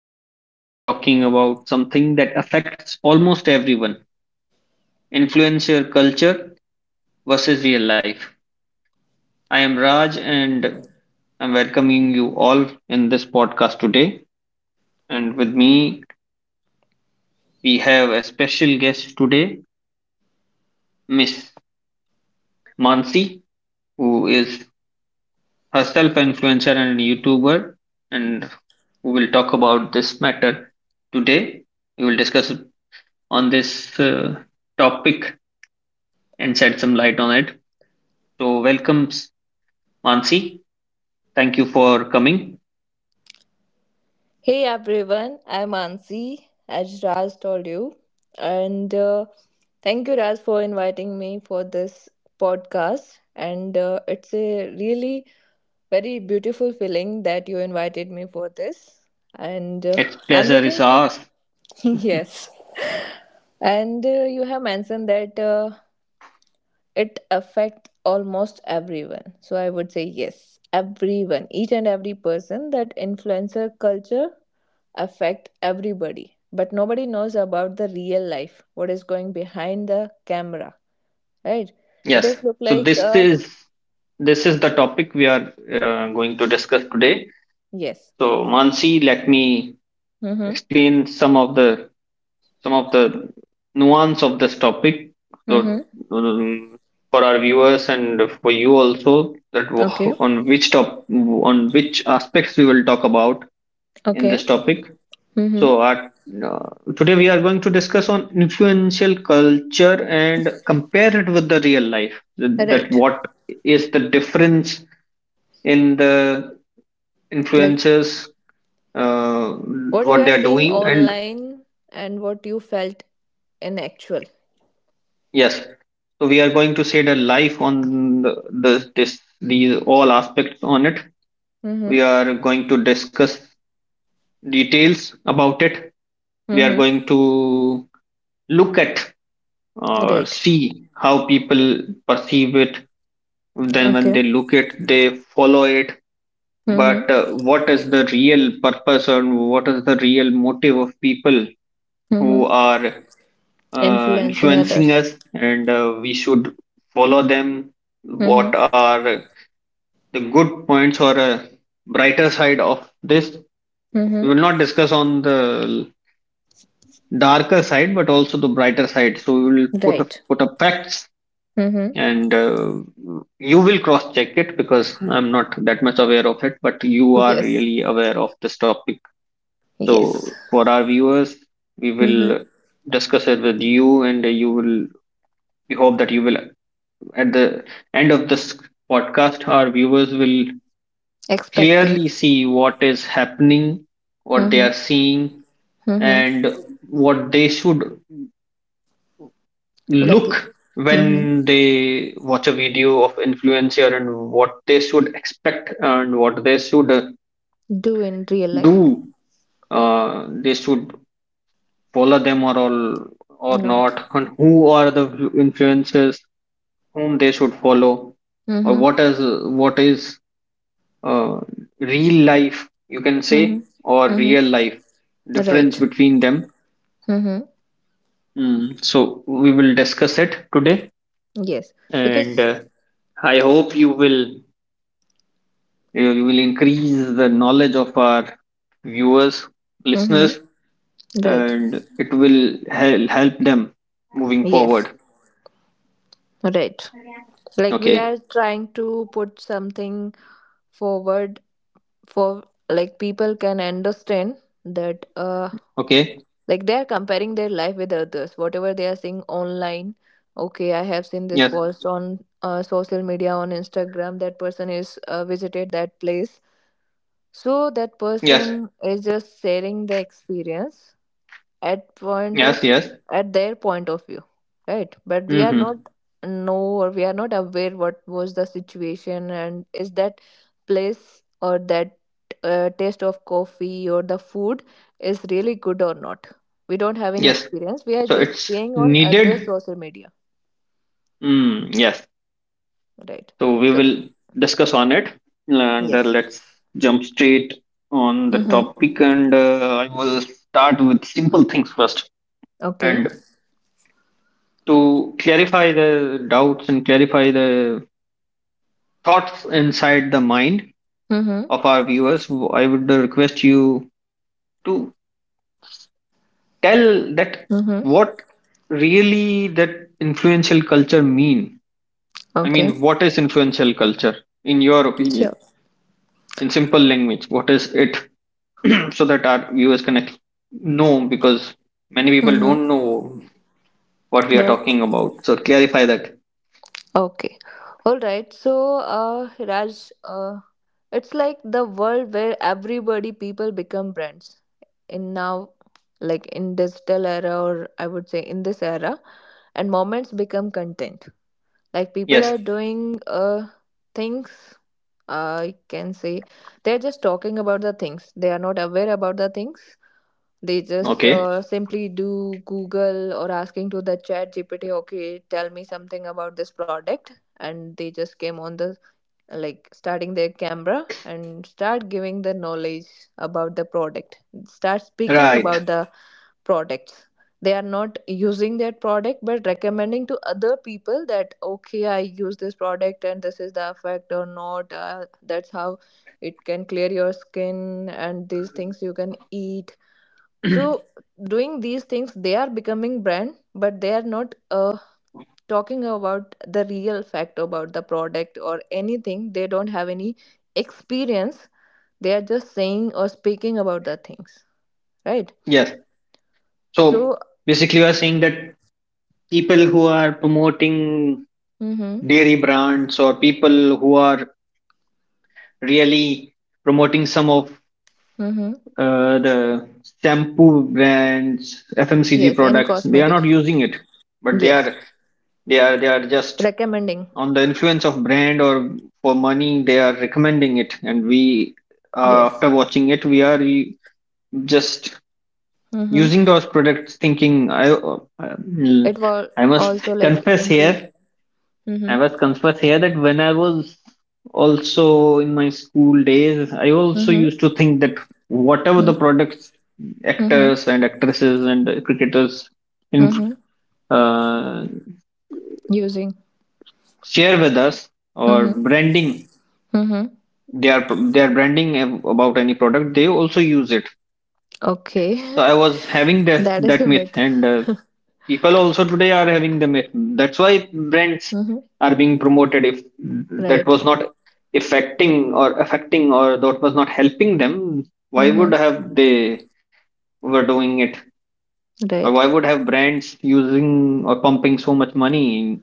Today we are talking about something that affects almost everyone, influencer culture versus real life. I am Raj and I'm welcoming you all in this podcast today. And with me, we have a special guest today, Miss Mansi, who is herself an influencer and a YouTuber, and who will talk about this matter today. We will discuss on this topic and shed some light on it. So, welcome, Mansi. Thank you for coming. Hey everyone, I'm Ansi, as Raj told you. And thank you, Raj, for inviting me for this podcast. And it's a really very beautiful feeling that you invited me for this. And It's I'm pleasure is looking for. ours. Yes. And you have mentioned that it affects almost everyone. So I would say yes, everyone, each and every person, that influencer culture affect everybody, but nobody knows about the real life what is going behind the camera. Right. It Yes. is look So like this uh is this is the topic we are going to discuss today. Yes. So, Mansi, let me Mm-hmm. explain some of the nuance of this topic. So, Mm-hmm. um, for our viewers and for you also, that Okay. On which aspects we will talk about in this Okay. topic. Mm-hmm. So, uh, today we are going to discuss on influential culture and compare it with the real life. That Right. what is the difference in the Like influencers, uh, what you what they are are seeing doing, and online and what you felt in actual. yes, so we are going to shade a life on these all aspects on it. Mm-hmm. We are going to discuss details about it. We are Mm-hmm. going to look at or Right. see how people perceive it, then when Okay. they look it they follow it. Mm-hmm. But what is the real purpose or what is the real motive of people who Mm-hmm. are Influencing influencing others. us, and we should follow them. What Mm-hmm. are the good points or brighter side of this? We Mm-hmm. will not discuss on the darker side but also the brighter side, so we will Right. put up facts, Mm-hmm. and you will cross check it, because I'm not that much aware of it but you are Yes. really aware of this topic. Yes. So for our viewers we Mm-hmm. will discuss it with you, and you will, we hope that you will, at the end of this podcast our viewers will Expecting. clearly see what is happening, what they Mm-hmm. are seeing, Mm-hmm. and what they should Like. look Mm-hmm. when they watch a video of influencer, and what they should expect and what they should, Do in real life. do, they should follow them or all or Not. not, and who are the influencers whom they should follow, or Mm-hmm. what is what is uh, real life, you can say, Mm-hmm. or real Mm-hmm. life difference Right. between them. Mm-hmm. Mm, so we will discuss it today, Yes. and Because. I hope you will, you will increase the knowledge of our viewers, Mm-hmm. listeners, Right. and it will help them moving Yes. forward. Right. Like we are Okay. trying to put something forward, for like people can understand that Okay. like they are comparing their life with others whatever they are seeing online. Okay, I have seen this Yes. post on social media, on Instagram, that person is visited that place. So that Yes. person is just sharing the experience at point of Yes. Yes. at their point of view, right? But we are Mm-hmm. not know, or we are not aware what was the situation and is that place or that taste of coffee or the food is really good or not. We don't have any Yes. experience. We are So just it's seeing on other needed. social media. Mm, yes. Right. So we So. will discuss on it, and Yes let's jump straight on the mm-hmm. topic. And I will start with simple things first, Okay. and to clarify the doubts and clarify the thoughts inside the mind Mm-hmm. of our viewers, I would request you to tell that Mm-hmm. what really that influential culture mean. I Okay. mean, what is influential culture in your opinion? Sure. In simple language, what is it? So that our viewers can know, because many people Mm-hmm. don't know what we are But. talking about. So clarify that. Okay. All right. So, Raj, it's like the world where everybody, people become brands. In now, like in digital era, or I would say in this era, and moments become content. Like people Yes. are doing things. I can say they're just talking about the things. They are not aware about the things. They just Okay. Simply do Google, or asking to the Chat GPT. Okay, tell me something about this product, and they just came on the, like, starting their camera and start giving the knowledge about the product, start speaking Right. about the products. They are not using that product, but recommending to other people that, okay, I use this product and this is the effect or not, that's how it can clear your skin and these things you can eat. So doing these things, they are becoming brand, but they are not talking about the real fact about the product, or anything. They don't have any experience. They are just saying or speaking about the things. Right. Yes. So So. basically, we are saying that people who are promoting Mm-hmm. dairy brands, or people who are really promoting some of Mm-hmm. The shampoo brands, fmcg Yes, any products, they are cosmetic. not using it, but they Yes. are they are they are just Recommending. on the influence of brand or for money they are recommending it, and we, Yes. after watching it we are just Mm-hmm. using those products thinking It will I must also like confess improve. here, I Mm-hmm. was confess here that when I was also in my school days, I also Mm-hmm. used to think that whatever the Mm-hmm. products Mm-hmm. actors and actresses and cricketers inf Mm-hmm. uh, Using. share with us or Mm-hmm. branding, Mm-hmm. they are they are branding about any product, they also use it. So Okay. I was having that That is that a myth, myth. and people also today are having them, that's why brands Mm-hmm. are being promoted. If that Right. was not affecting, or that was not helping them, why Mm-hmm. would have they were doing it, or Right. why would have brands using or pumping so much money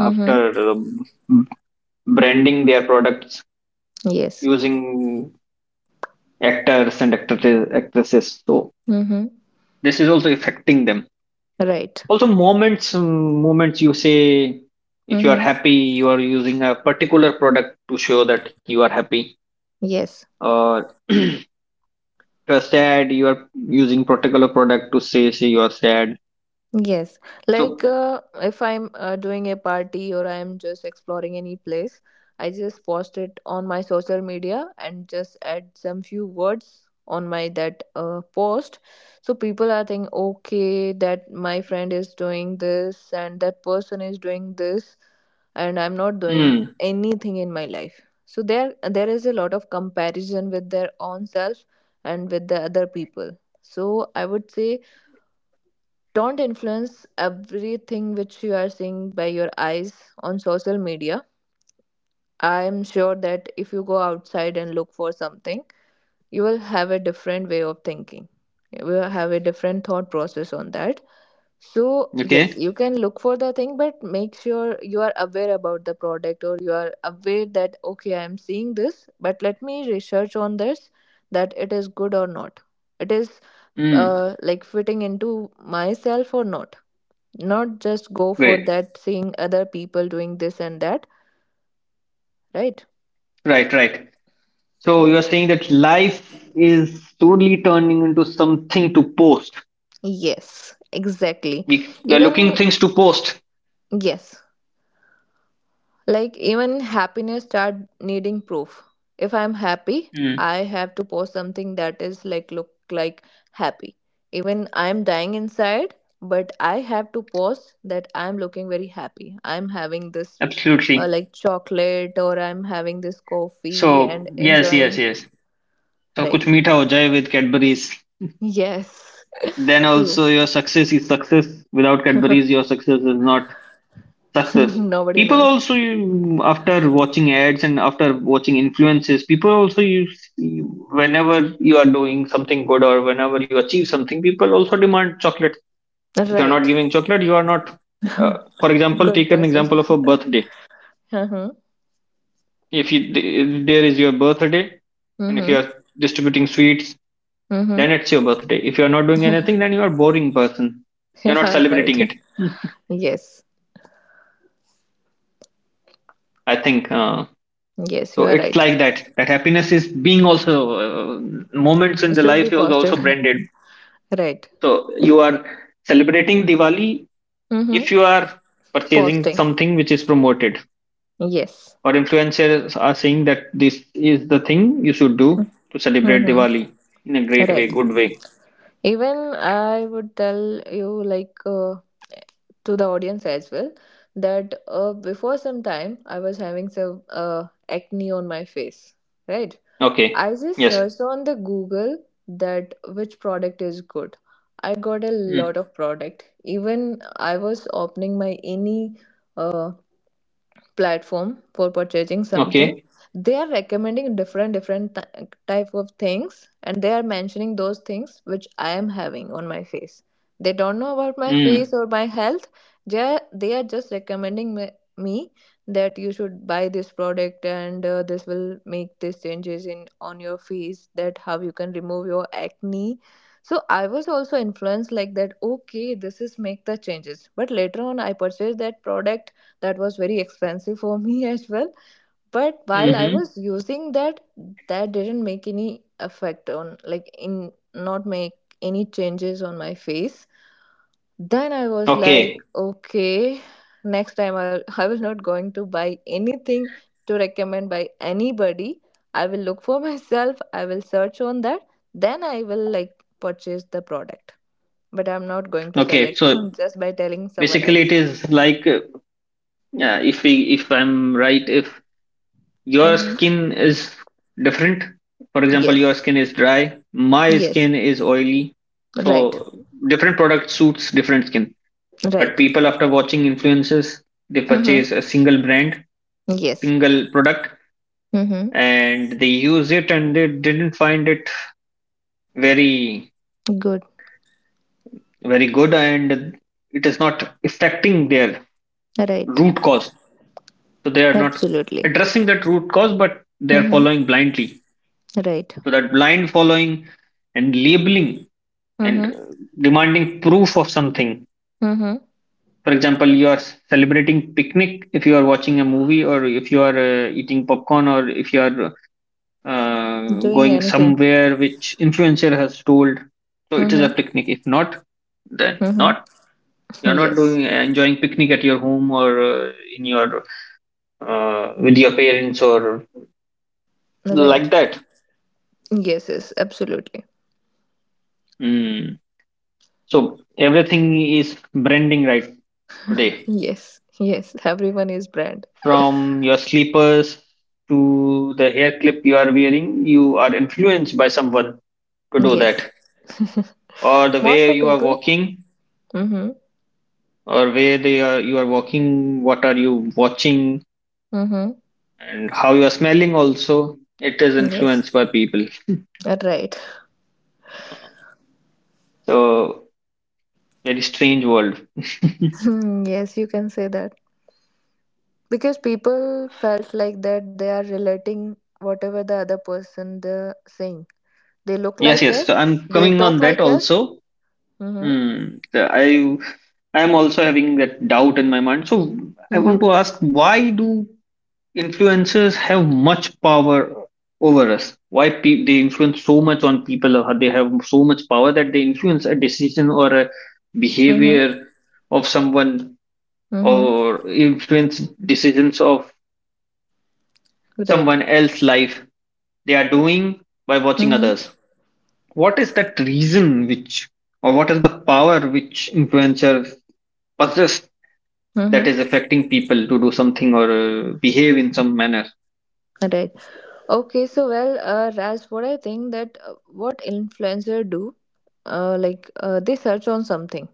Mm-hmm. um, branding their products Yes. using actors and actresses? So Mm-hmm. this is also affecting them. Right. Also moments, moments you say, if you are Mm-hmm. happy you are using a particular product to show that you are happy, Yes. or if you are sad you are using particular product to say you are sad. Yes, So like if I'm doing a party or I'm just exploring any place, I just post it on my social media and just add some few words on my that post. So people are thinking, okay, that my friend is doing this and that person is doing this, and I'm not doing mm, anything in my life. So there is a lot of comparison with their own self and with the other people. So I would say, don't influence everything which you are seeing by your eyes on social media. I am sure that if you go outside and look for something, you will have a different way of thinking. You will have a different thought process on that. So yes, okay, you can look for the thing, but make sure you are aware about the product, or you are aware that, okay, I am seeing this, but let me research on this that it is good or not. It is mm, like fitting into myself or not, not just go for great, that, seeing other people doing this and that. Right. right, right. So you Yes. are saying that life is slowly turning into something to post, Yes, exactly. we are looking Even things to post. yes, like even happiness start needing proof. If I'm happy, Mm, I have to post something that is like look like happy, even I'm dying inside, but I have to post that I'm looking very happy, I'm having this absolutely. like chocolate, or I'm having this coffee So and yes, yes, enjoying. yes. So kuch Right. meetha ho jaye with Cadbury's, Yes. then True. also your success is success. Without Cadbury's your success is not success. Nobody People knows. also you, after watching ads and after watching influences, people also whenever you are doing something good or whenever you achieve something, people also demand chocolate. If you are not Right. giving chocolate you are not, for example Good take an person. example of a birthday. Uh-huh. If there is your birthday and if you Mm-hmm. are distributing sweets, then Mm-hmm. it's your birthday. If you are not doing anything then you are a boring person, you're not Yeah, right. celebrating it. Yes. I think, Yes, you are It's right. like that. That happiness is being also, moments in the Should life be is posted. also branded. Right. So you are celebrating Diwali if Mm-hmm. you are purchasing Posting. something which is promoted, Yes. or influencers are saying that this is the thing you should do to celebrate Mm-hmm. Diwali in a great way, Right. good way. Even I would tell you, like, to the audience as well, that before some time I was having some acne on my face, right? Okay. I just Yes. searched on the Google that which product is good. I got a Mm. lot of product. Even I was opening my any uh, platform for purchasing something, Okay. they are recommending different different type of things, and they are mentioning those things which I am having on my face. They don't know about my Mm. face or my health. They are just recommending me that you should buy this product, and this will make these changes in, on your face, that how you can remove your acne. So I was also influenced like that, okay, this is make the changes, but later on I purchased that product. That was very expensive for me as well. But while I Mm-hmm. was using that, that didn't make any effect on, like, in, not make any changes on my face. Then I was like, Okay. okay, next time I was not going to buy anything to recommend by anybody. I will look for myself, I will search on that, then I will like purchase the product. But I'm not going to Okay. select So just by telling someone basically, it else. is like yeah, if we if I'm right, if your Hmm. skin is different. For example, your Yes. skin is dry, my Yes. skin is oily. Right, So different product suits different skin. But right. people after watching influences, they purchase Mm-hmm. a single brand, Yes. single product, Mm-hmm. and they use it and they didn't find it very Good. very good, and it is not affecting their Right. root cause. So they are not Absolutely. addressing that root cause, but they are Mm-hmm. following blindly. Right. So that blind following and labeling and Mm-hmm. Demanding proof of something. Mm-hmm. For example, you are celebrating picnic if you are watching a movie, or if you are eating popcorn, or if you are Doing going anything. somewhere which influencer has told. So it is a Mm-hmm. picnic. If not, then not. Mm-hmm. You are not Yes. doing enjoying picnic at your home or in your with your parents or like Right. that. Yes, yes, absolutely. Mm. So everything is branding right today, Yes, yes. Everyone is brand. from your slippers to the hair clip you are wearing, you are influenced by someone to do Yes. that, or the Most way of you are people. walking, Mm-hmm. or where they are you are walking, what are you watching, Mm-hmm. and how you are smelling. Also, it is Yes. influenced by people. Right. So very strange world. Hmm, yes, you can say that. Because people felt like that they are relating whatever the other person the saying. They look Yes, like yes. So us. I'm They coming talk on that like us. also. Mm-hmm. Hmm. So I am also having that doubt in my mind. So I Mm-hmm. want to ask, why do influencers have much power over us? Why they influence so much on people, or they have so much power that they influence a decision or a Mm-hmm. behavior of someone, Mm-hmm. or influence decisions of Right. someone else's life they are doing by watching Mm-hmm. others? What is that reason which, or what is the power which influencers possess that Mm-hmm. is affecting people to do something or behave in some manner? Right. Okay. So, well, Raj, what I think, that what influencer do, like, they search on something,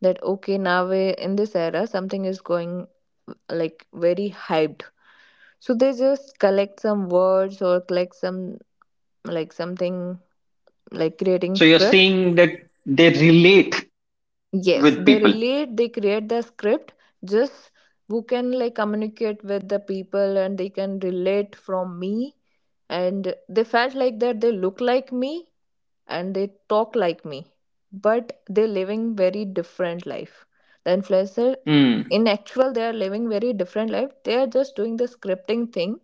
that okay, now we in this era, something is going like very hyped. So they just collect some words, or collect some like something, like creating So you're script. saying that they relate Yes, with they people. relate, they create the script, just who can like communicate with the people, and they can relate from me, and they felt like that they look like me and they talk like me, but they're living very different life, the influencer. Mm. In actual, they are living very different life. They are just doing the scripting thing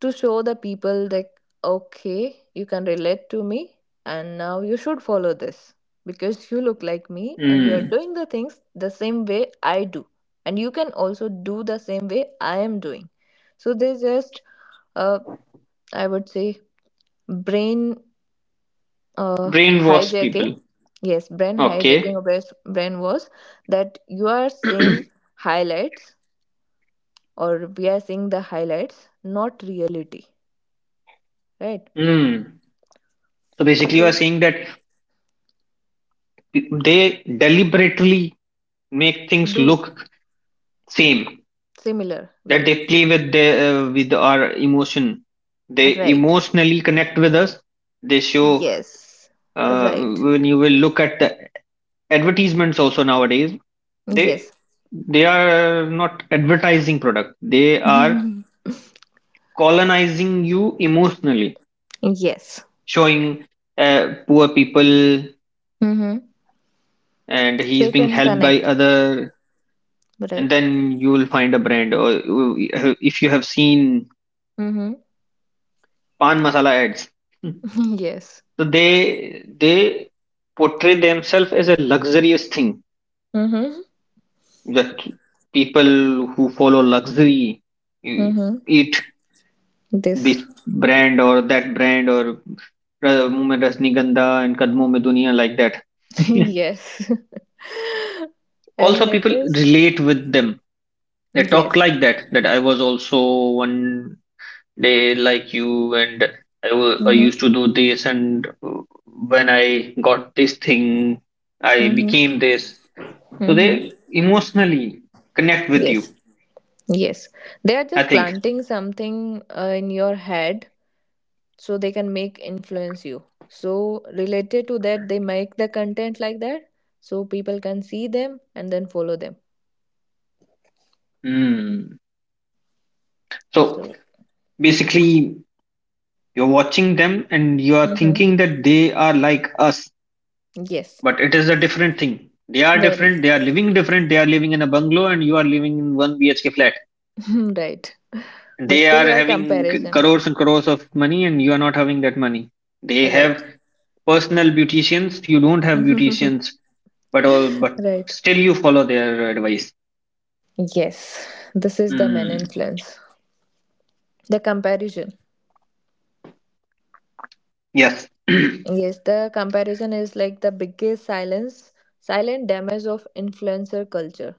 to show the people, like, okay, you can relate to me, and now you should follow this, because you look like me and you are Mm. doing the things the same way I do, and you can also do the same way I am doing. So they just, uh, I would say, brain, uh, Brainwash hijacking. people. Yes, brain hijacking, Okay. or brain, brain was, that you are seeing highlights, or we are seeing the highlights, not reality. Right. Mm. So basically, you are So. saying that they deliberately make things Do. look same. Similar, That right? they play with the with our emotion. They Right. emotionally connect with us. They show, Yes. Right. when you will look at the advertisements also nowadays. They Yes. they are not advertising product. They are colonizing you emotionally, Yes. showing poor people Mm-hmm. and So he's you being can helped by connect, other, and right? then you will find a brand. Or you- if you have seen Mm-hmm. pan masala ads, so Yes. they they portray themselves as a luxurious thing, Mm-hmm. that people who follow luxury, eh, Mm-hmm. eat this This. brand or that brand, or Muh Mein Rasni and Kadmon Mein Duniya, like that. Yes. Also, And it people is. relate with them, they talk Yes. like that, that I was also one day like you, and I Mm-hmm. used to do this, and when I got this thing I Mm-hmm. became this. So they Mm-hmm. emotionally connect with you, Yes. Yes. They are I just think. planting something in your head, so they can make influence you. So related to that, they make the content like that, so people can see them and then follow them. Hmm. So So. basically you're watching them and you are Hmm. thinking that they are like us, Yes. but it is a different thing. They are Very. different, they are living different, they are living in a bungalow and you are living in one BHK flat. Right. But They are still your having comparison, crores and crores of money, and you are not having that money. They have right? personal beauticians. You don't have Mhm. beauticians, but all but Right. still you follow their advice. Yes. This is the main Mm, influence, the comparison. yes. Yes, the comparison is like the biggest silence, silent damage of influencer culture.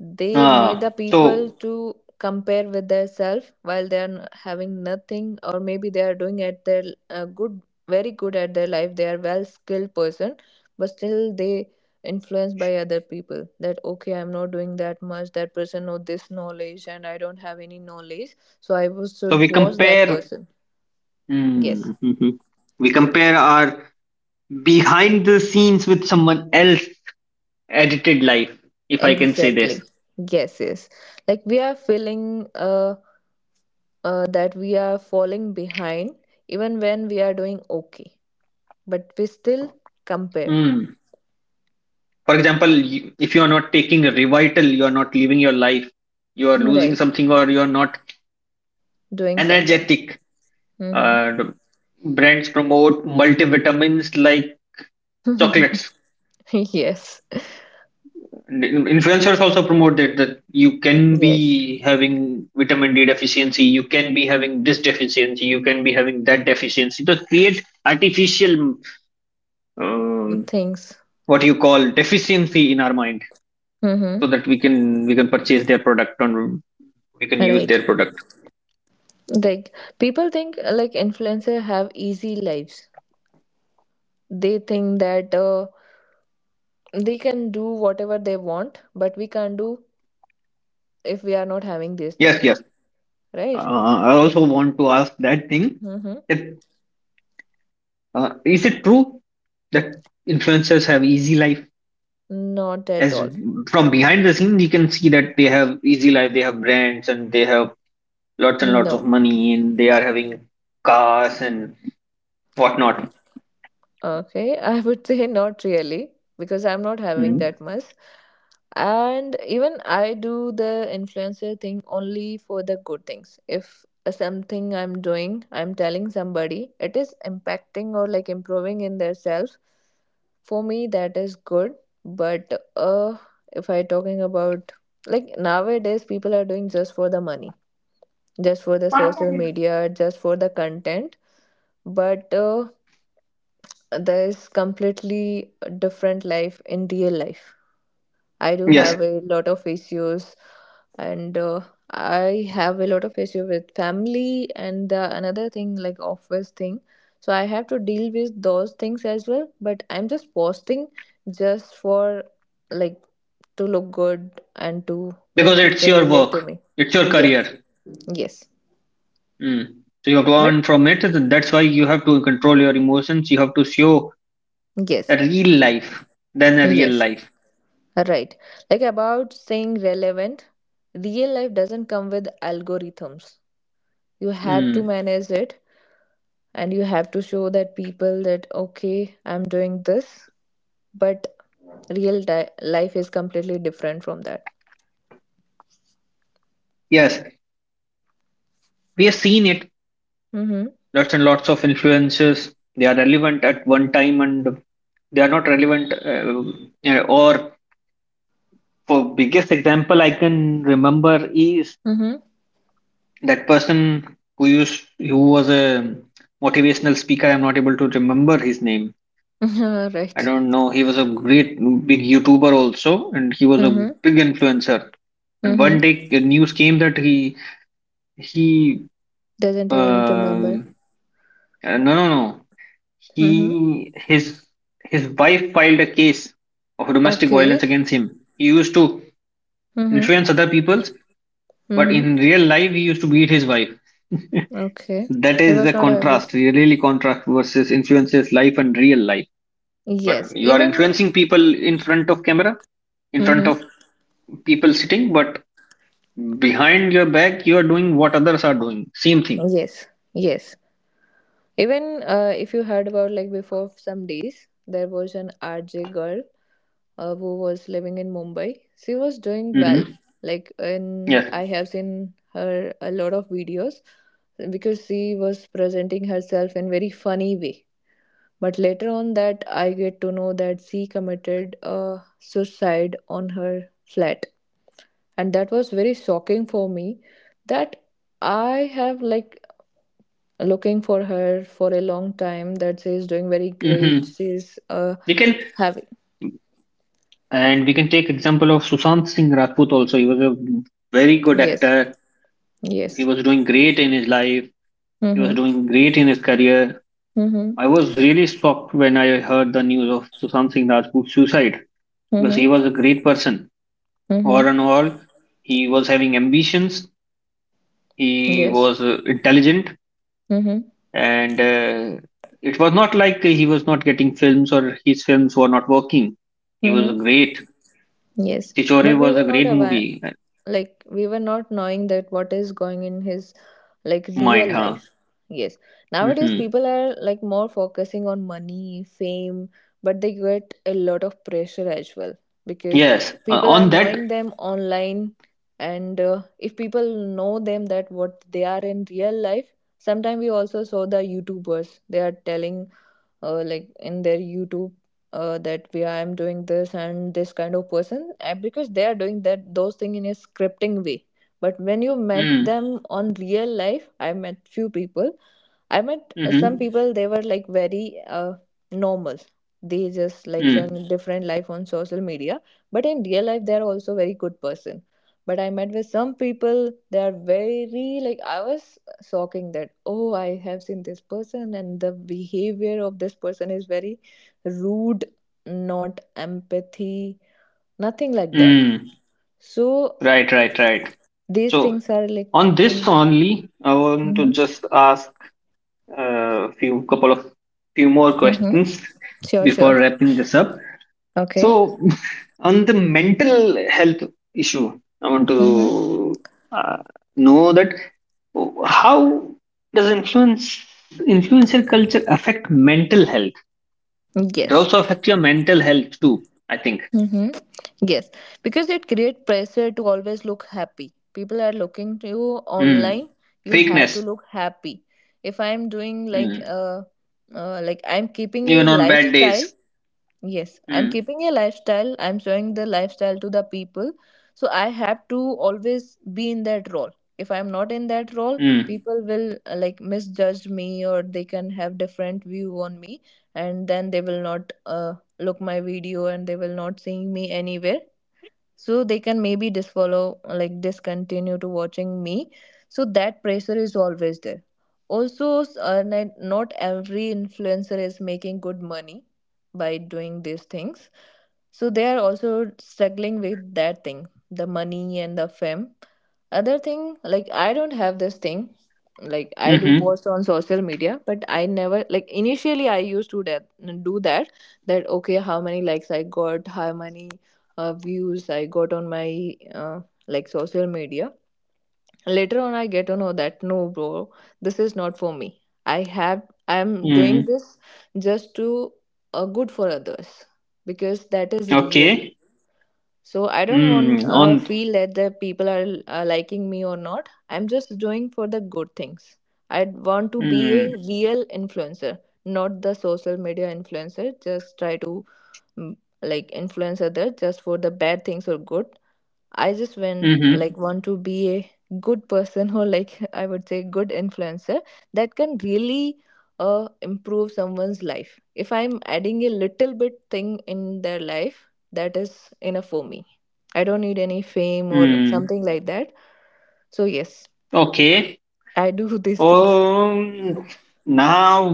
They made Ah, the people so to compare with their self while they are having nothing, or maybe they are doing at their good, very good at their life. They are well skilled person, but still they influenced by other people that, okay, I'm not doing that much, that person know this knowledge and I don't have any knowledge, so I was so should we watch that compare. person. Yes, Mm, mhm. We compare our behind the scenes with someone else edited life, if I can say exactly. this. Yes, yes, like we are feeling that we are falling behind, even when we are doing okay, but we still compare. Mm. For example if you are not taking a revital you are not living your life, you are losing Right. something, or you are not Doing something. energetic. Mm-hmm. The brands promote multivitamins like chocolates. Yes. And influencers also promote that you can Yes. be having vitamin d deficiency, you can be having this deficiency, you can be having that deficiency, to create artificial um, Things. what you call deficiency in our mind, so Mm-hmm. that we can purchase their product and we can use Right. their product. Like people think like influencer have easy lives. They think that they can do whatever they want, but we can't do if we are not having these Yes, things. yes. Right. I also want to ask that thing. Mm-hmm. If is it true that influencers have easy life? Not at As all. from behind the scene, you can see that they have easy life. They have brands and they have lots and lots No. of money, and they are having cars and whatnot. Okay, I would say not really, because I'm not having Mm. that much. And even I do the influencer thing only for the good things. If something I'm doing, I'm telling somebody, it is impacting or like improving in their self. For me, that is good. But uh, if I talking about nowadays, people are doing just for the money, just for the social media, just for the content. But There's completely different life in real life. I do Yes, have a lot of issues, and I have a lot of issue with family and the another thing like office thing. So I have to deal with those things as well. But I'm just posting just for like to look good and to because make it's people your relate to work, me. it's your Yes, career. yes, Mm. So you have to but earn from it. And That's why you have to control your emotions. You have to show a yes, real life than a real yes. life. Right. Like about staying relevant, real life doesn't come with algorithms. You have to Mm. manage it and you have to show that people that, okay, I'm doing this, but life is completely different from that. Yes, we have seen it Mm-hmm. lots and lots of influences. They are relevant at one time and they are not relevant. Or for biggest example I can remember is Mm-hmm. that person who used who was a motivational speaker. I'm not able to remember his name. I Right. don't know. He was a great big YouTuber also, and he was a Mm-hmm. big influencer. And Mm-hmm. one day, the news came that he Doesn't uh, even uh, remember. no no no Mm-hmm. he his wife filed a case of domestic violence Okay. against him. He used to Mm-hmm. influence other people, but Mm-hmm. in real life he used to beat his wife. Okay. That It is was the not held. contrast, really contrast versus influences life and real life. But Yes. you are Even. influencing people in front of camera, in front Mm-hmm. of people sitting, but behind your back you are doing what others are doing, same thing. Yes. Yes. Even if you heard about like before some days, there was an RJ girl who was living in Mumbai. She was doing well. Hmm. Like in Yes. I have seen her a lot of videos because she was presenting herself in very funny way. But later on that I get to know that she committed a suicide on her flat. And that was very shocking for me that I have like looking for her for a long time that she's doing very great, Hmm, she's we can. having And we can take example of sushant singh rajput also. He was a very good yes, actor. He yes, was doing great in his life. He was mm-hmm, doing great in his career. mm-hmm, I was really shocked when I heard the news of Sushant Singh Rajput's suicide, because he mm-hmm, was a great person. mm-hmm, All in all, he was having ambitions. He yes, was intelligent, mm-hmm, and it was not like he was not getting films or his films were not working. He was mm-hmm, great. yes, Tichore but we was a were not great aware, movie. Like we were not knowing that what is going in his like Mind, real huh? life. Yes, nowadays Hmm. people are like more focusing on money fame, but they get a lot of pressure as well because Yes. People are On that. knowing them online, and if people know them that what they are in real life, sometimes we also saw the youtubers they are telling like in their youtube that we I am doing this and this kind of person because they are doing that those things in a scripting way, but when you met Mm-hmm. them on real life I met few people. I met some Mm-hmm. people, they were like very normal. They just like showing Mm. a different life on social media, but in real life, they are also very good person. But I met with some people, they are very like I was shocking that oh I have seen this person and the behavior of this person is very rude, not empathy, nothing like that. Mm. So Right, right, right. these So things are like on this in. only, I want to Mm-hmm. just ask a few couple of few more Mm-hmm. questions Sure, before sure. wrapping this up. Okay. So on the mental health issue, I want Mm-hmm. to uh, know that how does influencer culture affect mental health? It Yes. also affects your mental health too, I think. Mm-hmm. Yes, because it creates pressure to always look happy. People are looking to you Mm. online. You have to Fakeness. look happy. If I'm doing Mm. Like I'm keeping a Even on bad lifestyle. days. Yes, I'm Mm. keeping a lifestyle. I'm showing the lifestyle to the people. So I have to always be in that role. If I'm not in that role, Mm. people will like misjudge me or they can have different view on me, and then they will not look my video and they will not seeing me anywhere, so they can maybe disfollow like discontinue to watching me, so that pressure is always there. Also not every influencer is making good money by doing these things, so they are also struggling with that thing, the money and the fame. Other thing like I don't have this thing, like Hmm. I do Mm-hmm. post on social media but I never like initially I used to that, do that that okay how many likes I got, how many views I got on my like social media. Later on, I get to know that no, bro, this is not for me. I am doing Mm, this just to good for others because that is real. okay. So I don't want Mm, on. Feel that the people are liking me or not. I'm just doing for the good things. I want to be Mm, a real influencer, not the social media influencer. Just try to mm, like influence others just for the bad things or good. I just went mm-hmm. like want to be a good person or like I would say good influencer that can really improve someone's life. If I'm adding a little bit thing in their life, that is enough for me. I don't need any fame or Mm, something like that. So yes, okay. I do these things. Um, Now,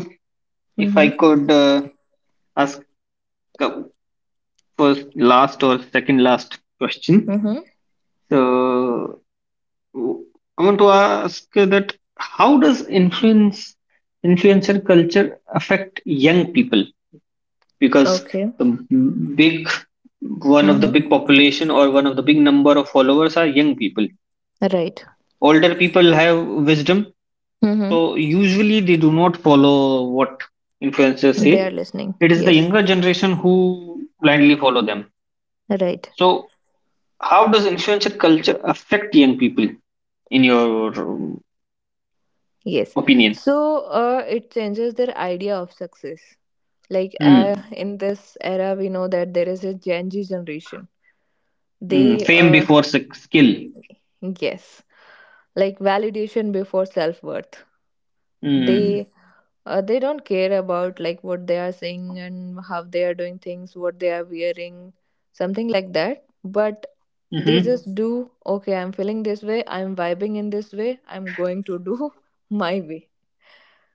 if I Mm-hmm. could ask a first, last, or second last question. Mm-hmm. So, w- I want to ask that how does influencer culture affect young people? Because Okay. the big one of the Mm-hmm. big population or one of the big number of followers are young people. Right. Older people have wisdom, so Mm-hmm. usually they do not follow what influencers say. They are listening. It is the Yes. younger generation who blindly follow them. Right. So how does influencer culture affect young people, in your um, Yes. opinion? So it changes their idea of success. Like Hmm. in this era we know that there is a gen z generation, they Hmm. Fame before skill. yes, like validation before self-worth, they Hmm. They don't care about like what they are saying and how they are doing things, what they are wearing, something like that, but they Hmm. just do okay I'm feeling this way, I'm vibing in this way, I'm going to do my way.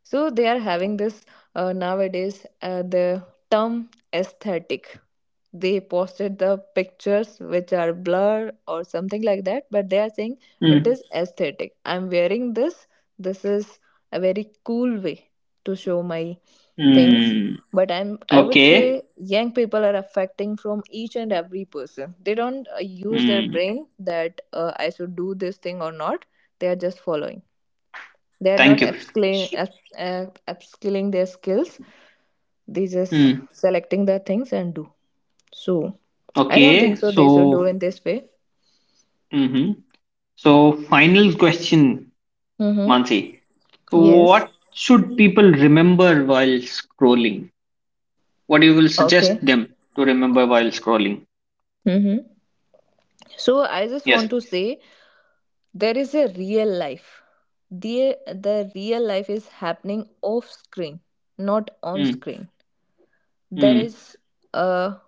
So they are having this nowadays the term aesthetic. They posted the pictures which are blurred or something like that, but they are saying it Hmm. is aesthetic, I'm wearing this, this is a very cool way to show my things. Hmm, But I would say okay. young people are affecting from each and every person, they don't use their Hmm. brain that I should do this thing or not. They are just following, they are not Thank you. Upskilling their skills, they just Hmm, selecting the things and do. So I don't think okay. so they should do So in this way. hmm, hmm. So final question, Mm-hmm. mansi. So, Yes. what should people remember while scrolling? What you will Okay. suggest them to remember while scrolling? Mm-hmm. So I just Yes. want to say there is a real life. The real life is happening off screen, not on Mm. screen. There Mm. is uh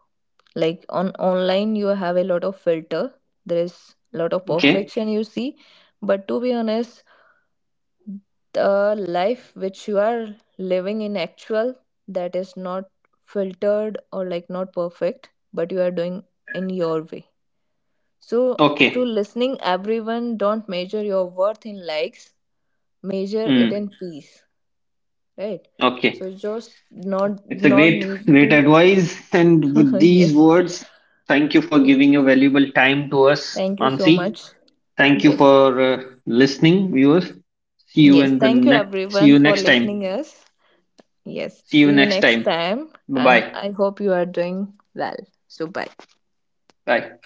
like on online you have a lot of filter. There is a lot of Okay. perfection you see. But to be honest, the life which you are living in actual, that is not filtered or like not perfect, but you are doing in your way. So to Okay. listening everyone, don't measure your worth in likes, measure it in Mm. peace. Right. Okay. So just not, It's a not great, need great to advice. And with these yes, words, thank you for giving your valuable time to us, thank you so Mansi. much. Thank you Yes, for listening, viewers. See you yes, in the thank you next. See everyone you for next time. listening us. Yes. See you See you next next time. time. Bye And bye. I hope you are doing well. So, bye. Bye.